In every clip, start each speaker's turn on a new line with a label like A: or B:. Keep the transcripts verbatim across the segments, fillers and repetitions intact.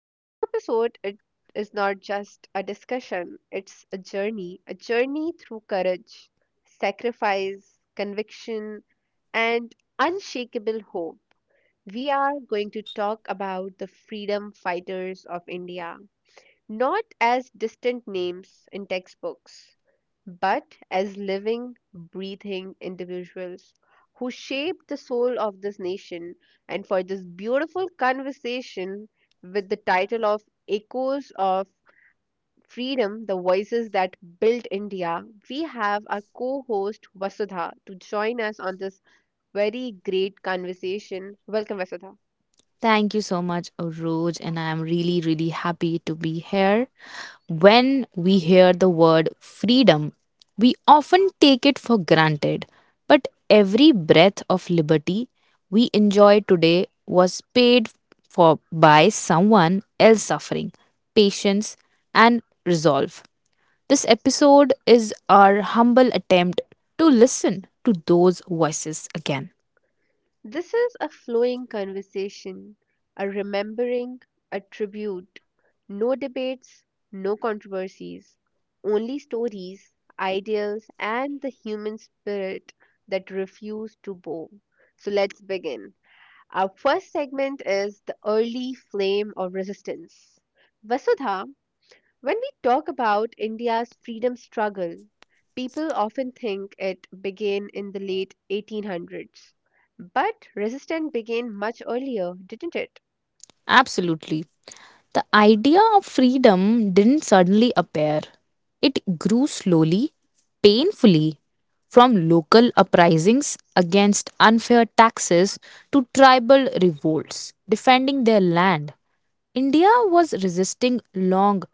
A: Today's episode it is not just a discussion, it's a journey, a journey through courage, sacrifice, conviction, and unshakable hope. We are going to talk about the freedom fighters of India, not as distant names in textbooks, but as living, breathing individuals who shaped the soul of this nation. And for this beautiful conversation with the title of Echoes of Freedom, the voices that built India, we have our co host Vasudha to join us on this very great conversation. Welcome, Vasudha.
B: Thank you so much, Roj, and I'm really, really happy to be here. When we hear the word freedom, we often take it for granted. But every breath of liberty we enjoy today was paid for by someone else suffering, patience, and resolve. This episode is our humble attempt to listen to those voices again.
A: This is a flowing conversation, a remembering, a tribute. No debates, no controversies, only stories, ideals, and the human spirit that refuse to bow. So let's begin. Our first segment is the early flame of resistance. Vasudha, when we talk about India's freedom struggle, people often think it began in the late eighteen hundreds. But resistance began much earlier, didn't it?
B: Absolutely. The idea of freedom didn't suddenly appear. It grew slowly, painfully, from local uprisings against unfair taxes to tribal revolts defending their land. India was resisting long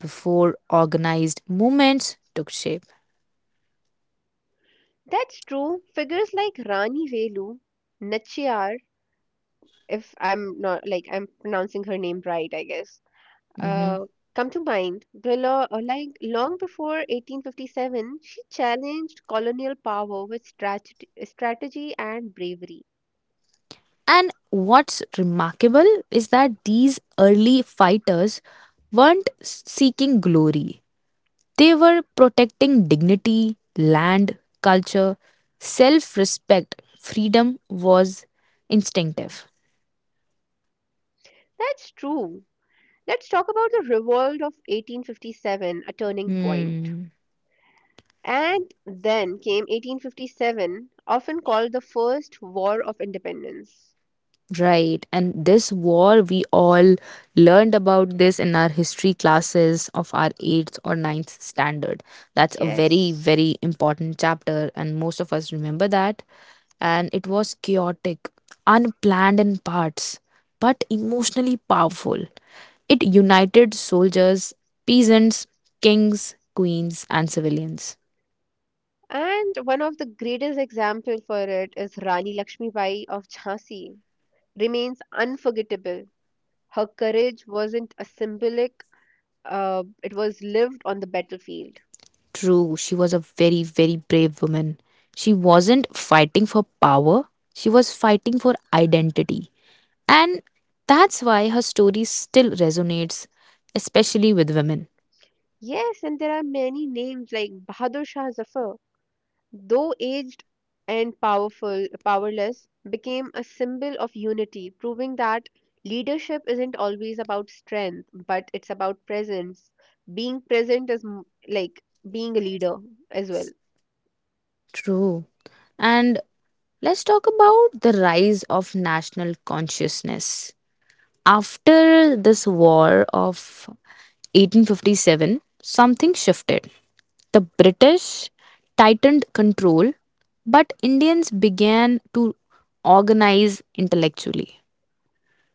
B: before organized movements took shape.
A: That's true. Figures like Rani Velu, Nachiyar, if I'm not like I'm pronouncing her name right, I guess,
B: Mhm.
A: uh, come to mind. Below, uh, like long before eighteen fifty-seven, she challenged colonial power with strat- strategy and bravery.
B: And what's remarkable is that these early fighters weren't seeking glory. They were protecting dignity, land, culture, self respect. Freedom was instinctive.
A: That's true. Let's talk about the revolt of eighteen fifty-seven, a turning point.
B: Hmm.
A: And then came eighteen fifty-seven, often called the First War of Independence.
B: Right. And this war, we all learned about this in our history classes of our eighth or ninth standard. That's a very,
A: Yes.
B: very important chapter, and most of us remember that. And it was chaotic, unplanned in parts, but emotionally powerful. It united soldiers, peasants, kings, queens, and civilians.
A: And one of the greatest example for it is Rani Lakshmibai of Jhansi. Remains unforgettable. Her courage wasn't a symbolic, uh, it was lived on the battlefield.
B: True, she was a very, very brave woman. She wasn't fighting for power, she was fighting for identity. And that's why her story still resonates, especially with women.
A: Yes, and there are many names like Bahadur Shah Zafar, though aged and powerful powerless became a symbol of unity, proving that leadership isn't always about strength but it's about presence. Being present is m- like being a leader as well.
B: True. And let's talk about the rise of national consciousness. After this war of eighteen fifty-seven, something shifted. The British tightened control, but Indians began to organize intellectually.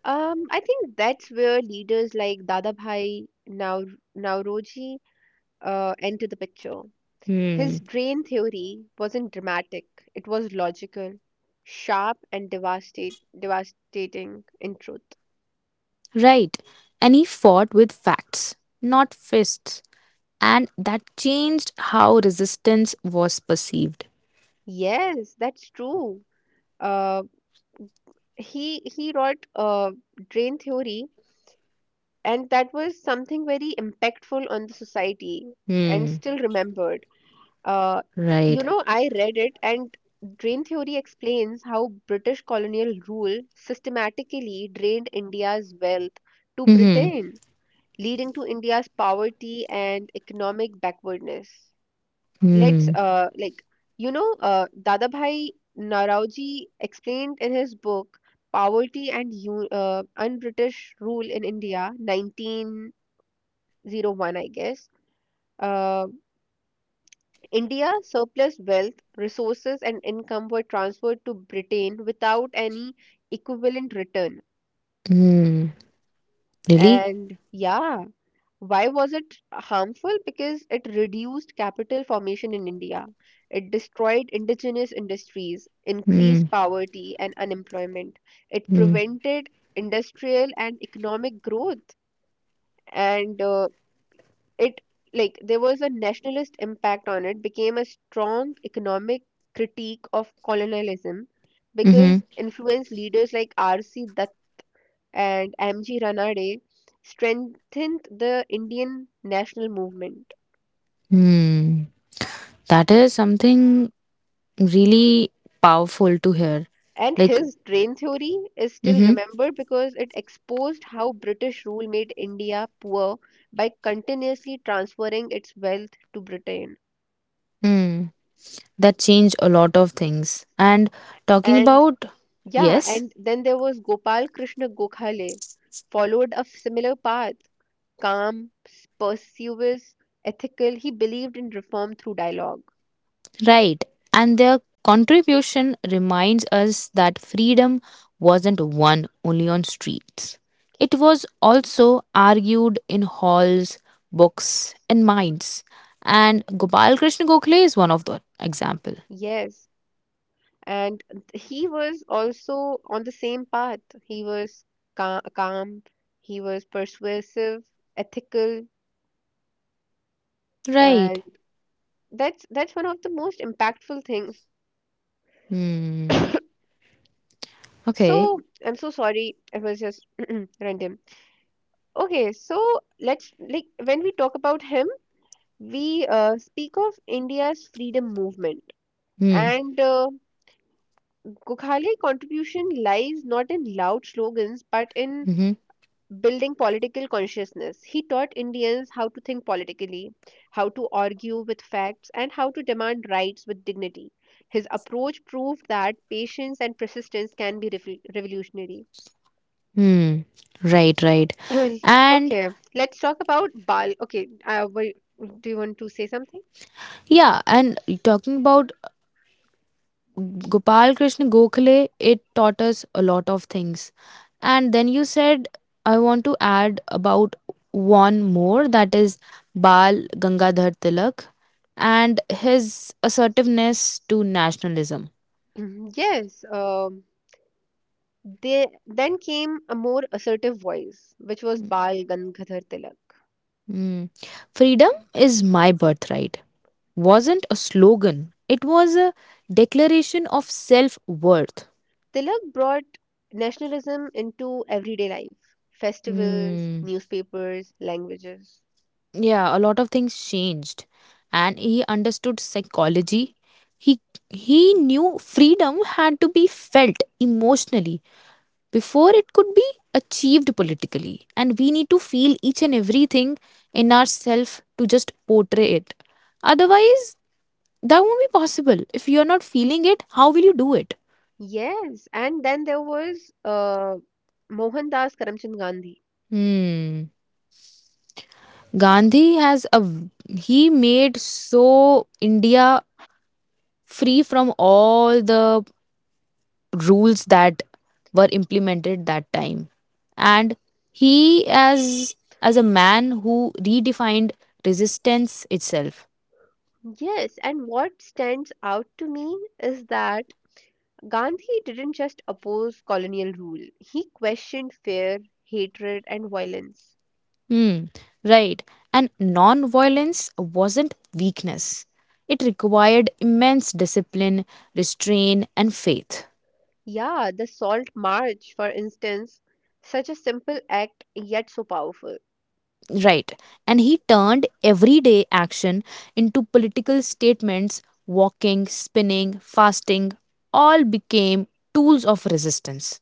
A: Um I think that's where leaders like dadabhai Nau- nauroji uh, enter the picture.
B: Hmm.
A: His drain theory wasn't dramatic, it was logical, sharp, and devastate, devastating in truth.
B: Right. And he fought with facts, not fists. And that changed how resistance was perceived.
A: Yes, that's true. Uh, he he wrote uh, Drain Theory, and that was something very impactful on the society and
B: Hmm.
A: still remembered. Uh, you
B: Right.
A: know, I read it, and Drain Theory explains how British colonial rule systematically drained India's wealth to
B: Hmm.
A: Britain, leading to India's poverty and economic backwardness. Let's
B: Hmm.
A: uh like you know uh Dadabhai Naraoji explained in his book Poverty and U uh, Un-British Rule in India, nineteen oh one, I guess. Uh, India surplus wealth, resources and income were transferred to Britain without any equivalent return.
B: Hmm. Really?
A: And yeah, Why was it harmful? Because it reduced capital formation in India. It destroyed indigenous industries,
B: Hmm.
A: increased poverty and unemployment. It
B: Hmm.
A: prevented industrial and economic growth. And uh, it, like, there was a nationalist impact on it, became a strong economic critique of colonialism
B: Hmm.
A: because influenced leaders like R C. Dutt and M G. Ranade strengthened the Indian national movement.
B: Hmm. That is something really powerful to hear.
A: And
B: Like.
A: his drain theory is still
B: Hmm.
A: remembered because it exposed how British rule made India poor by continuously transferring its wealth to Britain.
B: Hmm. That changed a lot of things. And talking
A: And
B: about,
A: yeah,
B: yes,
A: and then there was Gopal Krishna Gokhale, followed a similar path, calm, persuasive, ethical. He believed in reform through dialogue.
B: right. And their contribution reminds us that freedom wasn't won only on streets. It was also argued in halls, books, and minds. And Gopal Krishna Gokhale is one of the example.
A: Yes, and he was also on the same path. He was ca- calm, he was persuasive, ethical,
B: Right.
A: and that's that's one of the most impactful things.
B: Hmm. Okay.
A: So I'm so sorry, it was just random. Okay, so let's like when we talk about him, we uh, speak of India's freedom movement,
B: Hmm.
A: and uh, Gukhale contribution lies not in loud slogans but in
B: Mm-hmm.
A: building political consciousness. He taught Indians how to think politically, how to argue with facts, and how to demand rights with dignity. His approach proved that patience and persistence can be rev- revolutionary.
B: Hmm. Right. Right. And
A: Okay, let's talk about Bal. Okay, uh, wait, do you want to say something?
B: yeah, and talking about Gopal Krishna Gokhale, it taught us a lot of things. And then you said, I want to add about one more that is Bal Gangadhar Tilak and his assertiveness to nationalism.
A: Mhm. Yes, um, they, then came a more assertive voice, which was Bal Gangadhar Tilak.
B: Mm. Freedom is my birthright wasn't a slogan, it was a declaration of self worth.
A: Tilak brought nationalism into everyday life: festivals, newspapers, languages.
B: Yeah, a lot of things changed. And he understood psychology. He he knew freedom had to be felt emotionally before it could be achieved politically. And we need to feel each and everything in ourselves to just portray it. Otherwise, that won't be possible. If you are not feeling it, how will you do it?
A: Yes, and then there was uh, Mohandas Karamchand Gandhi.
B: Hmm. Gandhi has a he made so India free from all the rules that were implemented that time. And he, as as a man who redefined resistance itself.
A: Yes, and what stands out to me is that Gandhi didn't just oppose colonial rule, he questioned fear, hatred, and violence.
B: Hmm. Right. And non-violence wasn't weakness, it required immense discipline, restraint, and faith.
A: Yeah, the Salt March, for instance, such a simple act yet so powerful.
B: Right. And he turned everyday action into political statements. Walking, spinning, fasting all became tools of resistance.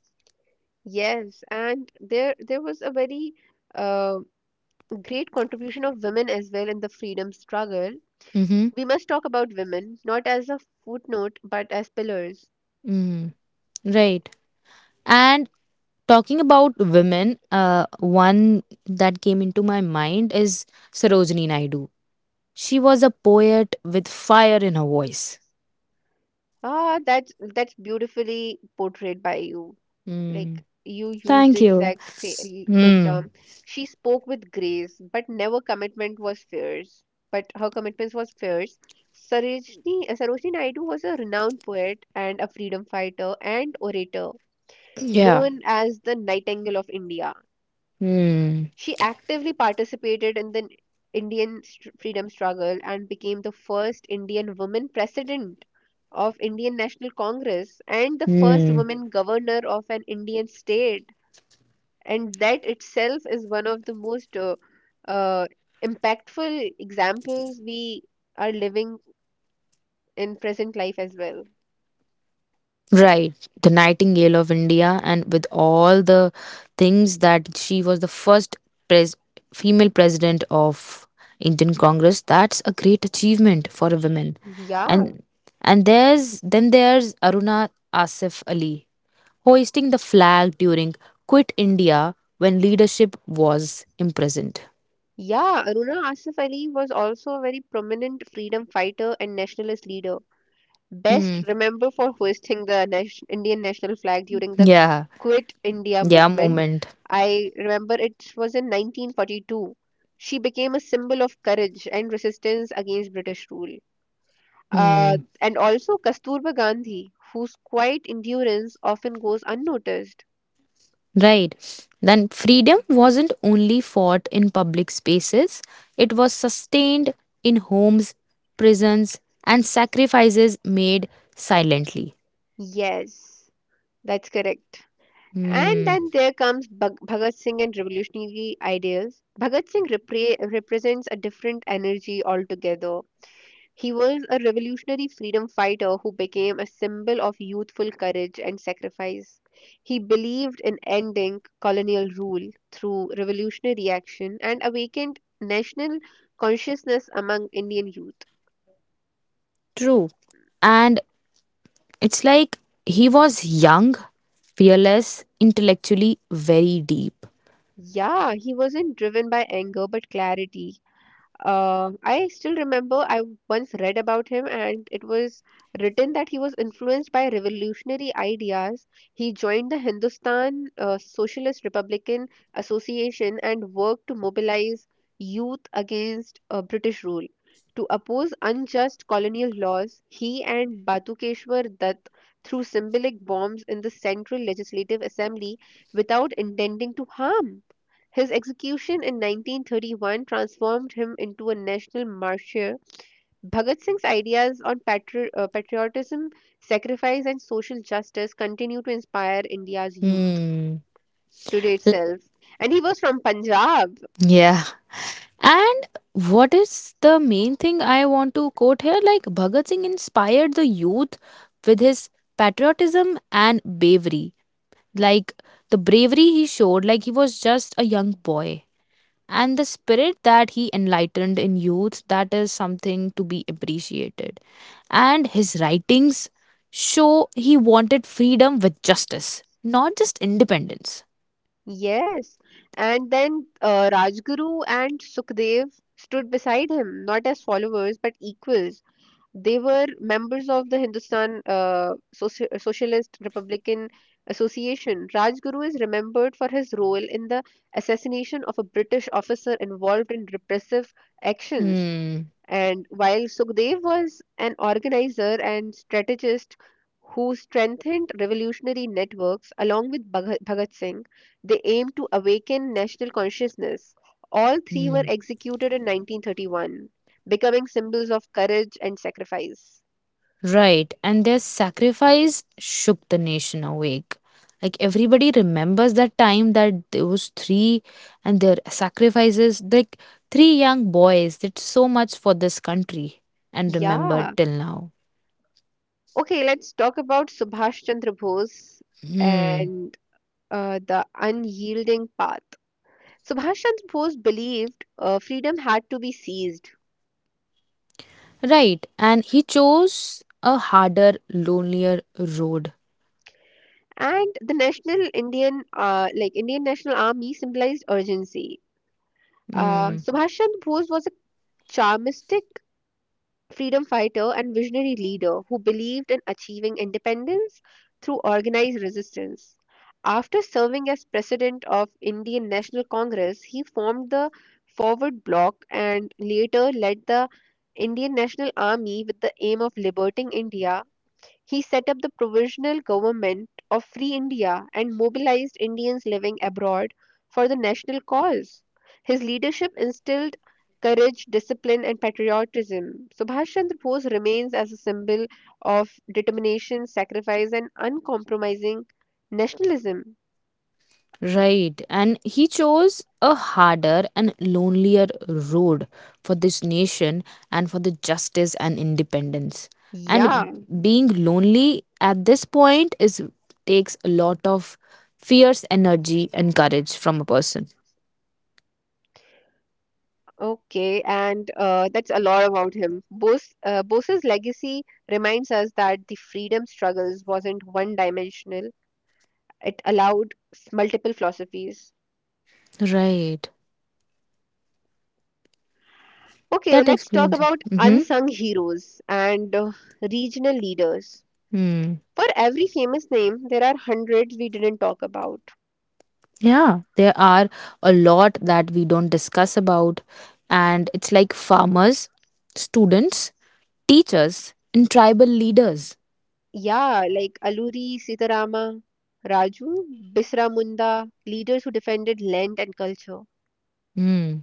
A: Yes, and there there was a very uh, great contribution of women as well in the freedom struggle.
B: Mhm.
A: We must talk about women, not as a footnote, but as pillars.
B: Mm, right. And talking about women, uh, one that came into my mind is Sarojini Naidu. She was a poet with fire in her voice.
A: Ah, that's that's beautifully portrayed by you. Like
B: Mm,
A: you used the
B: thank you.
A: exact same good
B: Mm,
A: term. She spoke with grace, but never commitment was fierce. But her commitments was fierce. Sarojini, Sarojini Naidu was a renowned poet and a freedom fighter and orator,
B: yeah.
A: known as the Nightingale of India.
B: Mm,
A: She actively participated in the Indian str- freedom struggle and became the first Indian woman president of Indian National Congress and the first
B: mm.
A: woman governor of an Indian state. And that itself is one of the most uh, uh, impactful examples we are living in present life as well.
B: Right, the Nightingale of India, and with all the things that she was the first pres- female president of Indian Congress, that's a great achievement for a woman.
A: Yeah.
B: And and there's then there's Aruna Asif Ali hoisting the flag during Quit India when leadership was imprisoned.
A: Yeah, Aruna Asif Ali was also a very prominent freedom fighter and nationalist leader, best
B: Mm,
A: remembered for hoisting the nation- Indian national flag during the
B: yeah,
A: Quit India
B: yeah,
A: movement.
B: moment.
A: I remember it was in nineteen forty-two. She became a symbol of courage and resistance against British rule. Uh,
B: Hmm.
A: and also Kasturba Gandhi, whose quiet endurance often goes unnoticed.
B: Right. Then freedom wasn't only fought in public spaces, it was sustained in homes, prisons, and sacrifices made silently.
A: Yes, that's correct. And
B: Hmm.
A: then there comes Bhag- Bhagat Singh and revolutionary ideals. Bhagat Singh repre- represents a different energy altogether. He was a revolutionary freedom fighter who became a symbol of youthful courage and sacrifice. He believed in ending colonial rule through revolutionary action and awakened national consciousness among Indian youth.
B: True. And it's like he was young, fearless, intellectually very deep.
A: Yeah, he wasn't driven by anger but clarity. Uh, I still remember I once read about him, and it was written that he was influenced by revolutionary ideas. He joined the Hindustan uh, Socialist Republican Association and worked to mobilize youth against uh, British rule. To oppose unjust colonial laws, he and Batukeshwar Dutt threw symbolic bombs in the Central Legislative Assembly without intending to harm. His execution in nineteen thirty-one transformed him into a national martyr. Bhagat Singh's ideas on patri- uh, patriotism, sacrifice, and social justice continue to inspire India's youth
B: Hmm.
A: today
B: L-
A: itself. And he was from Punjab.
B: Yeah. And what is the main thing I want to quote here? Like Bhagat Singh inspired the youth with his patriotism and bravery. Like the bravery he showed, like he was just a young boy. And the spirit that he enlightened in youth, that is something to be appreciated. And his writings show he wanted freedom with justice, not just independence.
A: Yes. And then uh, Rajguru and Sukhdev stood beside him, not as followers but equals. They were members of the Hindustan uh, Soci- Socialist Republican Association. Rajguru is remembered for his role in the assassination of a British officer involved in repressive actions.
B: Hmm.
A: And while Sukhdev was an organizer and strategist who strengthened revolutionary networks along with Bhag- Bhagat Singh, they aimed to awaken national consciousness. All three were
B: Hmm.
A: executed in nineteen thirty-one, becoming symbols of courage and sacrifice.
B: Right, and their sacrifice shook the nation awake. Like everybody remembers that time, that those three and their sacrifices, like three young boys did so much for this country and remembered
A: Yeah.
B: till now.
A: Okay, let's talk about Subhash Chandra Bose
B: Hmm.
A: and uh, the unyielding path. Subhash Chandra Bose believed uh, freedom had to be seized,
B: Right, and he chose a harder, lonelier road.
A: and the national Indian uh, like Indian National Army symbolized urgency. Uh,
B: Hmm.
A: Subhash Chandra Bose was a charmistic freedom fighter and visionary leader who believed in achieving independence through organized resistance. After serving as president of Indian National Congress, he formed the Forward Bloc and later led the Indian National Army with the aim of liberating India. He set up the Provisional Government of Free India and mobilized Indians living abroad for the national cause. His leadership instilled courage, discipline, and patriotism. Subhash Chandra Bose remains as a symbol of determination, sacrifice, and uncompromising nationalism.
B: Right. And he chose a harder and lonelier road for this nation and for the justice and independence. And
A: Yeah,
B: being lonely at this point is takes a lot of fierce energy and courage from a person.
A: okay, and uh, that's a lot about him. Bose, uh, Bose's legacy reminds us that the freedom struggles wasn't one dimensional. It allowed s- multiple philosophies.
B: Right.
A: Okay,
B: That
A: let's talk
B: explains.
A: about
B: Mm-hmm.
A: unsung heroes and uh, regional leaders.
B: Hmm.
A: For every famous name, there are hundreds we didn't talk about.
B: Yeah, there are a lot that we don't discuss about, and it's like farmers, students, teachers, and tribal leaders.
A: Yeah, like Aluri, Sitarama, Raju, Bisra Munda, leaders who defended land and culture.
B: Hmm.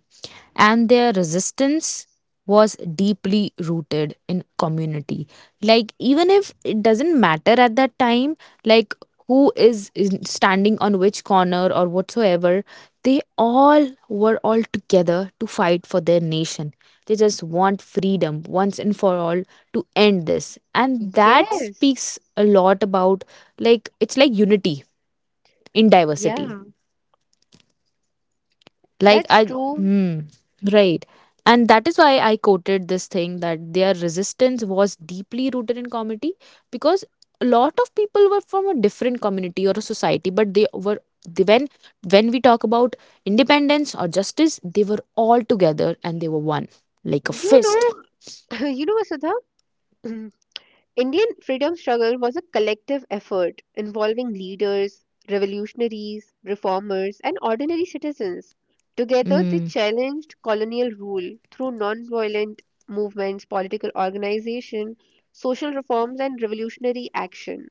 B: And their resistance was deeply rooted in community. Like, even if it doesn't matter at that time, like who is, is standing on which corner or whatsoever, they all were all together to fight for their nation. They just want freedom once and for all to end this. And that
A: Yes,
B: speaks a lot about, like, it's like unity in diversity.
A: yeah,
B: Like, I.
A: that's true.
B: Hmm. Right. And that is why I quoted this thing that their resistance was deeply rooted in community, because a lot of people were from a different community or a society, but they were they, when when we talk about independence or justice, they were all together and they were one, like a
A: You
B: fist.
A: know, you know, Vasudha, Indian freedom struggle was a collective effort involving leaders, revolutionaries, reformers, and ordinary citizens. Together, they
B: Mm,
A: challenged colonial rule through nonviolent movements, political organization, social reforms, and revolutionary action.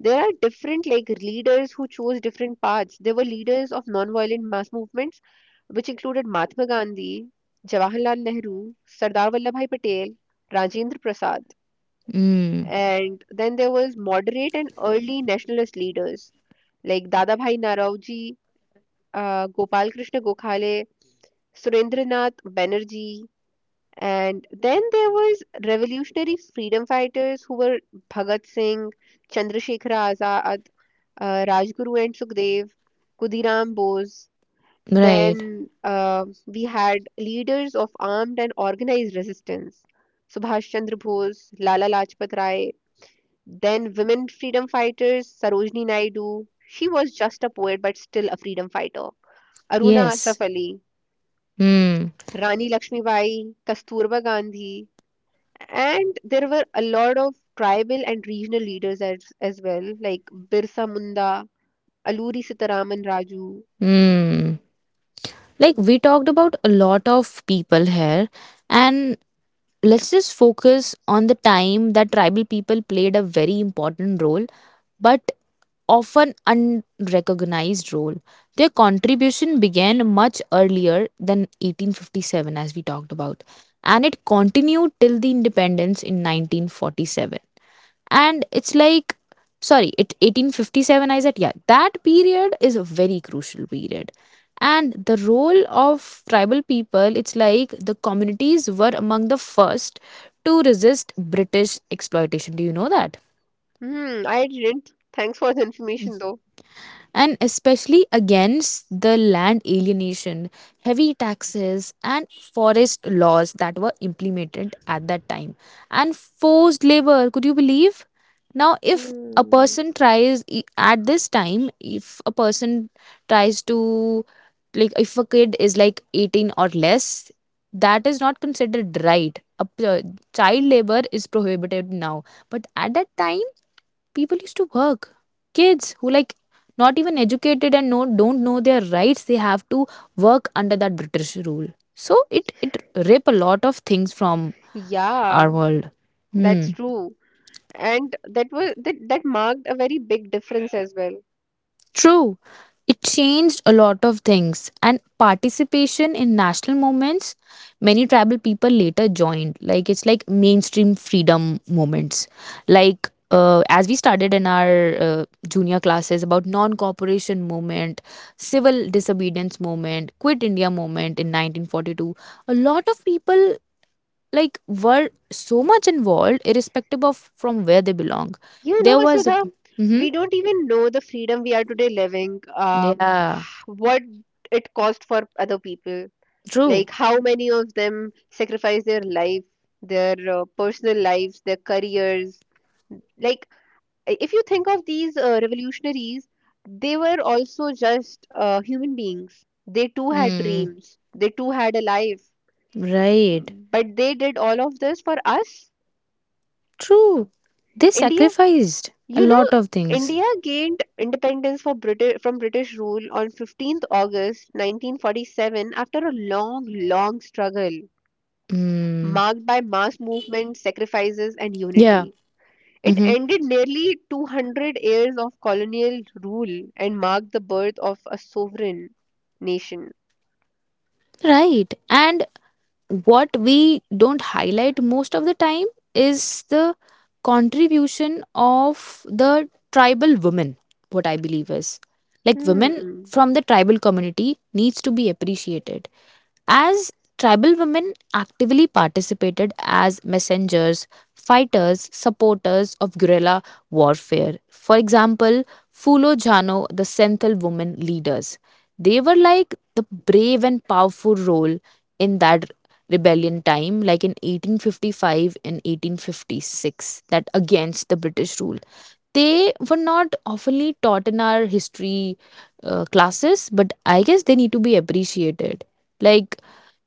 A: There are different like leaders who chose different paths. There were leaders of nonviolent mass movements, which included Mahatma Gandhi, Jawaharlal Nehru, Sardar Vallabhai Patel, Rajendra Prasad.
B: mm,
A: And then there was moderate and early nationalist leaders like Dadabhai Naraoji, uh, Gopal Krishna Gokhale, Surendranath Banerjee. And then there was revolutionary freedom fighters who were Bhagat Singh, Chandrasekhar Azad, uh, Rajguru and Sukhdev, Kudiram Bose.
B: right,
A: Then uh, we had leaders of armed and organized resistance: Subhash Chandra Bose, Lala Lajpat Rai. Then women freedom fighters: Sarojini Naidu, she was just a poet but still a freedom fighter; Aruna
B: yes.
A: Asaf Ali,
B: Mm,
A: Rani Lakshmibai, Kasturba Gandhi. And there were a lot of tribal and regional leaders as, as well, like Birsa Munda, Aluri Sitaraman Raju.
B: mm. Like we talked about a lot of people here. And let's just focus on the time that tribal people played a very important role, but often unrecognized role. Their contribution began much earlier than eighteen fifty-seven, as we talked about, and it continued till the independence in nineteen forty-seven. And it's like, sorry, it eighteen fifty-seven I said. Yeah, that period is a very crucial period. And the role of tribal people, it's like the communities were among the first to resist British exploitation. Do you know that?
A: Hmm, I didn't. Thanks for the information though.
B: And especially against the land alienation, heavy taxes, and forest laws that were implemented at that time, and forced labor. Could you believe? Now, if a
A: Hmm.
B: person tries e- at this time, if a person tries to, like, if a kid is like eighteen or less, that is not considered right. A p- child labor is prohibited now, but at that time people used to work kids who, like, not even educated and know don't know their rights, they have to work under that British rule. So it it rape a lot of things from
A: Yeah,
B: our world. Hmm.
A: that's true. And that was that, that marked a very big difference as well.
B: True, it changed a lot of things, and participation in national movements. Many tribal people later joined, like it's like mainstream freedom movements. Like uh, as we started in our uh, junior classes about non-cooperation movement, civil disobedience movement, quit India movement in nineteen forty-two. A lot of people, like, were so much involved, irrespective of from where they belong.
A: You know,
B: There was,
A: Vasudha,
B: mm-hmm,
A: we don't even know the freedom we are today living, uh,
B: yeah,
A: what it cost for other people.
B: true.
A: Like, how many of them sacrifice their life, their uh, personal lives, their careers. Like, i- if you think of these uh, revolutionaries, they were also just uh, human beings. They too had
B: Mm,
A: dreams, they too had a life.
B: right.
A: But they did all of this for us.
B: True. They
A: India.
B: sacrificed a
A: You know,
B: lot of things.
A: India gained independence for Briti- from British rule on the fifteenth of August nineteen forty-seven after a long, long struggle
B: Mm,
A: marked by mass movement, sacrifices, and
B: yeah.
A: unity. It
B: Mm-hmm.
A: ended nearly two hundred years of colonial rule and marked the birth of a sovereign nation.
B: Right. And what we don't highlight most of the time is the contribution of the tribal women, what I believe is. Like women
A: Hmm.
B: from the tribal community needs to be appreciated. As tribal women actively participated as messengers, fighters, supporters of guerrilla warfare. For example, Fulo Jano, the Senthil women leaders. They were like the brave and powerful role in that rebellion time, like in eighteen fifty-five and eighteen fifty-six, that against the British rule. They were not oftenly taught in our history uh, classes, but I guess they need to be appreciated, like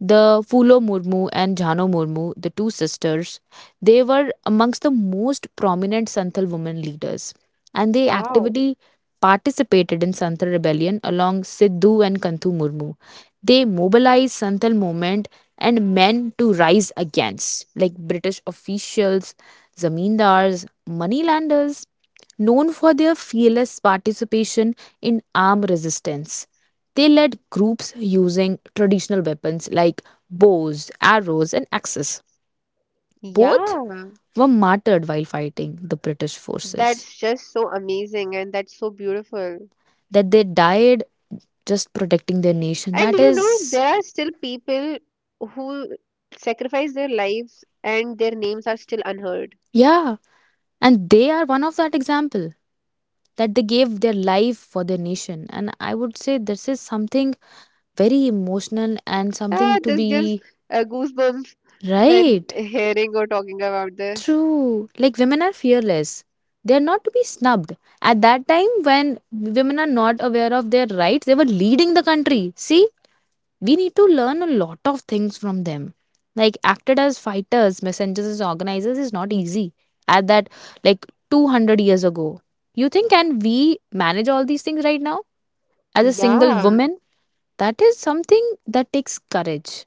B: the Fulo Murmu and Jhano Murmu, the two sisters, they were amongst the most prominent Santhal women leaders, and they
A: Wow.
B: actively participated in Santhal rebellion along Sidhu and Kanthu Murmu. They mobilized Santhal movement and men to rise against, like, British officials, zamindars, moneylanders, known for their fearless participation in armed resistance. They led groups using traditional weapons like bows, arrows, and axes. Both
A: Yeah.
B: were martyred while fighting the British forces.
A: That's just so amazing and that's so beautiful.
B: That they died just protecting their nation.
A: And
B: That
A: you know,
B: is,
A: there are still people who sacrifice their lives and their names are still unheard.
B: yeah. And they are one of that example that they gave their life for their nation. And I would say this is something very emotional and
A: Ah,
B: something to
A: this gives
B: be
A: uh, goosebumps when
B: right.
A: hearing or talking about this.
B: True. Like women are fearless. They're not to be snubbed. At that time, when women are not aware of their rights, they were leading the country. See, we need to learn a lot of things from them. Like, acted as fighters, messengers, as organizers is not easy. At that, like two hundred years ago. You think, can we manage all these things right now? As a single
A: Yeah,
B: woman, that is something that takes courage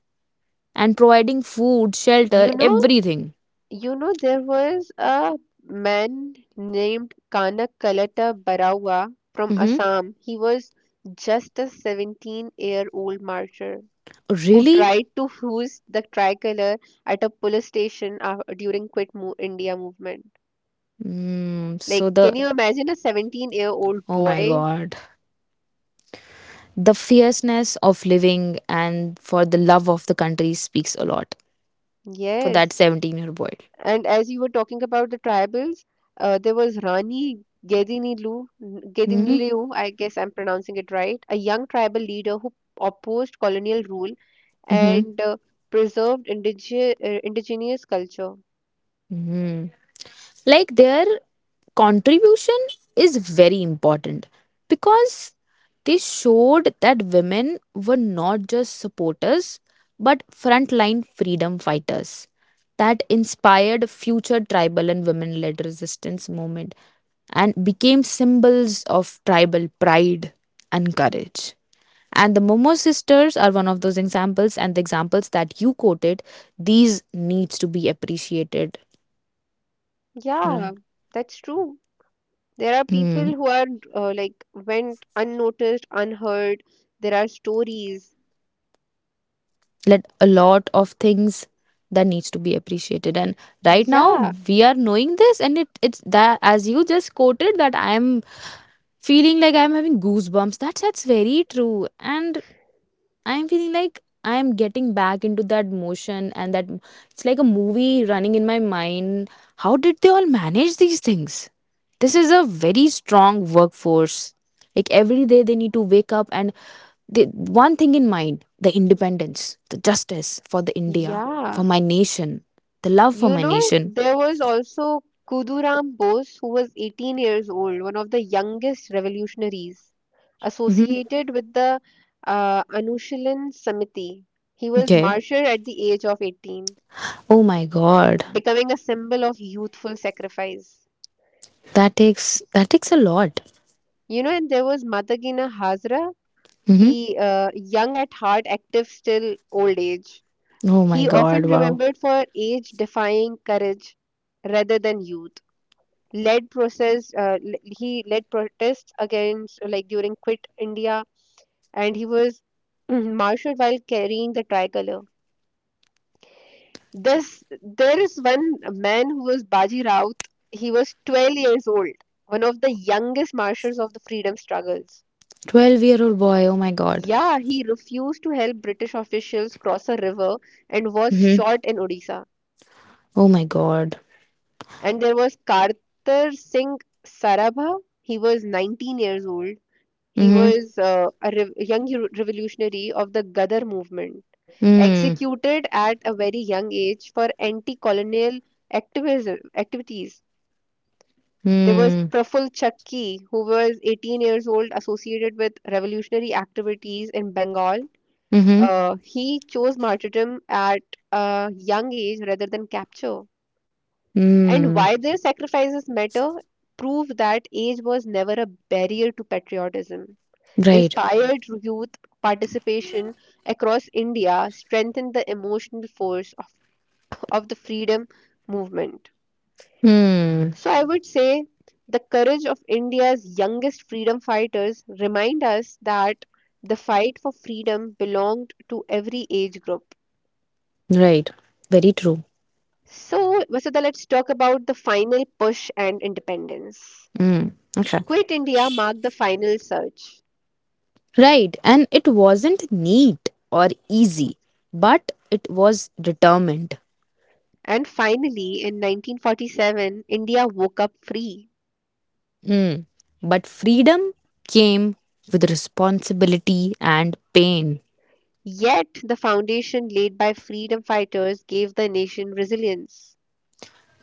B: and providing food, shelter,
A: you know,
B: everything.
A: you know, there was a man named Kanak Kalata Barawa from
B: Hmm.
A: Assam. He was just a seventeen-year-old martyr, who
B: Really?
A: tried to fuse the tricolor at a police station af during Quit Mo India movement.
B: Mm, so
A: Like, can
B: the,
A: you imagine a seventeen-year-old
B: oh my
A: boy?
B: God, the fierceness of living and for the love of the country speaks a lot for that
A: Yes.
B: seventeen year boy.
A: And as you were talking about the tribals, uh, there was Rani Gedinilu,
B: Mm-hmm.
A: Gedinilu, I guess I'm pronouncing it right, a young tribal leader who opposed colonial rule
B: Mm-hmm.
A: and uh, preserved indige uh, indigenous culture.
B: Mm-hmm. Like their contribution is very important, because they showed that women were not just supporters but frontline freedom fighters, that inspired future tribal and women led resistance movement and became symbols of tribal pride and courage. And the Momo sisters are one of those examples, and the examples that you quoted, these needs to be appreciated.
A: Yeah,
B: Right.
A: that's true. There are people
B: Hmm.
A: who are uh, like went unnoticed, unheard. There are stories.
B: Let a lot of things that needs to be appreciated. And right now
A: Yeah,
B: we are knowing this, and it it's that, as you just quoted, that I am feeling like I'm having goosebumps. That's that's very true. And I'm feeling like I'm getting back into that motion, and that it's like a movie running in my mind. How did they all manage these things? This is a very strong workforce. Like every day they need to wake up and they, one thing in mind, the independence, the justice for the India,
A: yeah.
B: for my nation, the love for
A: You
B: my
A: know,
B: nation.
A: there was also Kuduram Bose, who was eighteen years old, one of the youngest revolutionaries
B: Hmm.
A: associated with the uh, Anushilan Samiti. He was
B: Okay.
A: martyred at the age of eighteen,
B: Oh my God.
A: becoming a symbol of youthful sacrifice.
B: That takes that takes a lot.
A: You know, and there was Madhagina Hazra.
B: Hmm.
A: He, uh, young at heart, active still old age.
B: Oh my
A: He often
B: God, wow.
A: remembered for age-defying courage rather than youth. Led process, uh, l- he led protests against, like during Quit India, and he was marshaled while carrying the tricolor. This, there is one man who was Baji Raut. He was twelve years old, one of the youngest marshals of the freedom struggles.
B: twelve year old boy. Oh my God.
A: Yeah, he refused to help British officials cross a river and was
B: Mm-hmm.
A: shot in Odisha.
B: Oh my God.
A: And there was Kartar Singh Sarabha. He was nineteen years old. He
B: Mm-hmm.
A: was uh, a rev young hu- revolutionary of the Gadar movement,
B: Mm.
A: executed at a very young age for anti-colonial activism activities. There was
B: Mm.
A: Praful Chakki, who was eighteen years old, associated with revolutionary activities in Bengal.
B: Mm-hmm.
A: Uh, he chose martyrdom at a young age rather than capture. And
B: Mm.
A: why their sacrifices matter, prove that age was never a barrier to patriotism.
B: Right.
A: Inspired youth participation across India strengthened the emotional force of, of the freedom movement.
B: Mm.
A: So I would say the courage of India's youngest freedom fighters remind us that the fight for freedom belonged to every age group.
B: Right. Very true.
A: So, Vasudha, let's talk about the final push and independence.
B: Mm. Okay.
A: Quit India marked the final surge.
B: Right. And it wasn't neat or easy, but it was determined.
A: And finally, in nineteen forty-seven, India woke up free.
B: Mm. But freedom came with responsibility and pain.
A: Yet, the foundation laid by freedom fighters gave the nation resilience.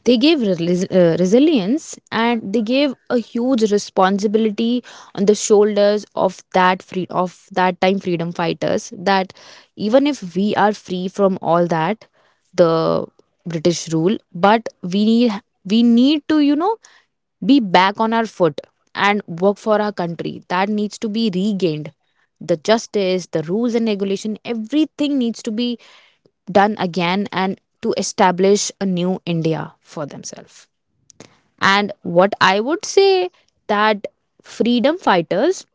B: They gave rel- uh, resilience, and they gave a huge responsibility on the shoulders of that free of that time freedom fighters, that even if we are free from all that the British rule, but we need we need to you know be back on our foot and work for our country that needs to be regained, the justice, the rules and regulation, everything needs to be done again, and to establish a new India for themselves. And what I would say that freedom fighters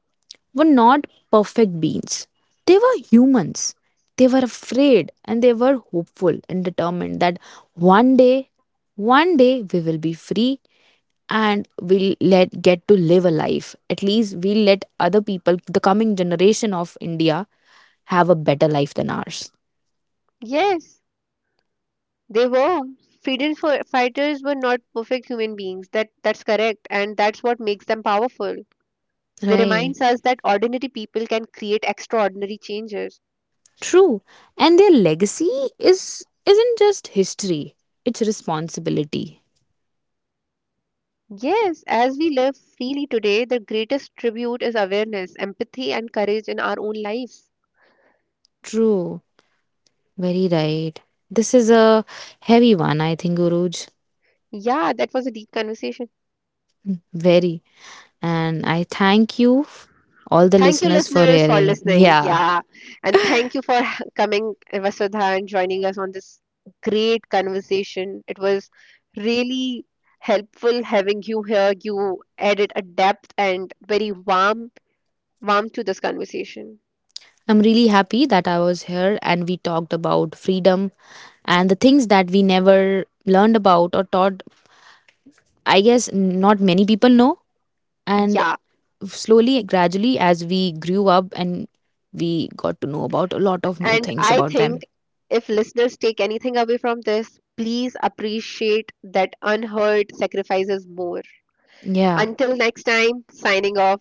B: were not perfect beings. They were humans. They were afraid and they were hopeful and determined that one day, one day we will be free and we'll let get to live a life. At least we'll let other people, the coming generation of India, have a better life than ours.
A: Yes, they were. Freedom fi- fighters were not perfect human beings. That, that's correct. And that's what makes them powerful. They
B: Right.
A: reminds us that ordinary people can create extraordinary changes.
B: True. And their legacy is isn't just history, it's responsibility.
A: Yes, as we live freely today, the greatest tribute is awareness, empathy, and courage in our own lives.
B: True. Very right. This is a heavy one, I think, Guruj.
A: Yeah, that was a deep conversation.
B: Very. And I thank you, f- all the
A: Thank you,
B: listeners, for
A: listeners, for
B: hearing.
A: listening.
B: Yeah.
A: Yeah, and thank you for coming, Vasudha, and joining us on this great conversation. It was really helpful having you here. You added a depth and very warm, warm to this conversation.
B: I'm really happy that I was here and we talked about freedom and the things that we never learned about or taught. I guess not many people know. And
A: Yeah.
B: slowly, gradually, as we grew up and we got to know about a lot of new
A: And
B: things
A: I
B: about them.
A: think if listeners take anything away from this, please appreciate that unheard sacrifices more.
B: Yeah.
A: Until next time, signing off,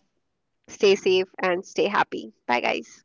A: stay safe and stay happy. Bye, guys.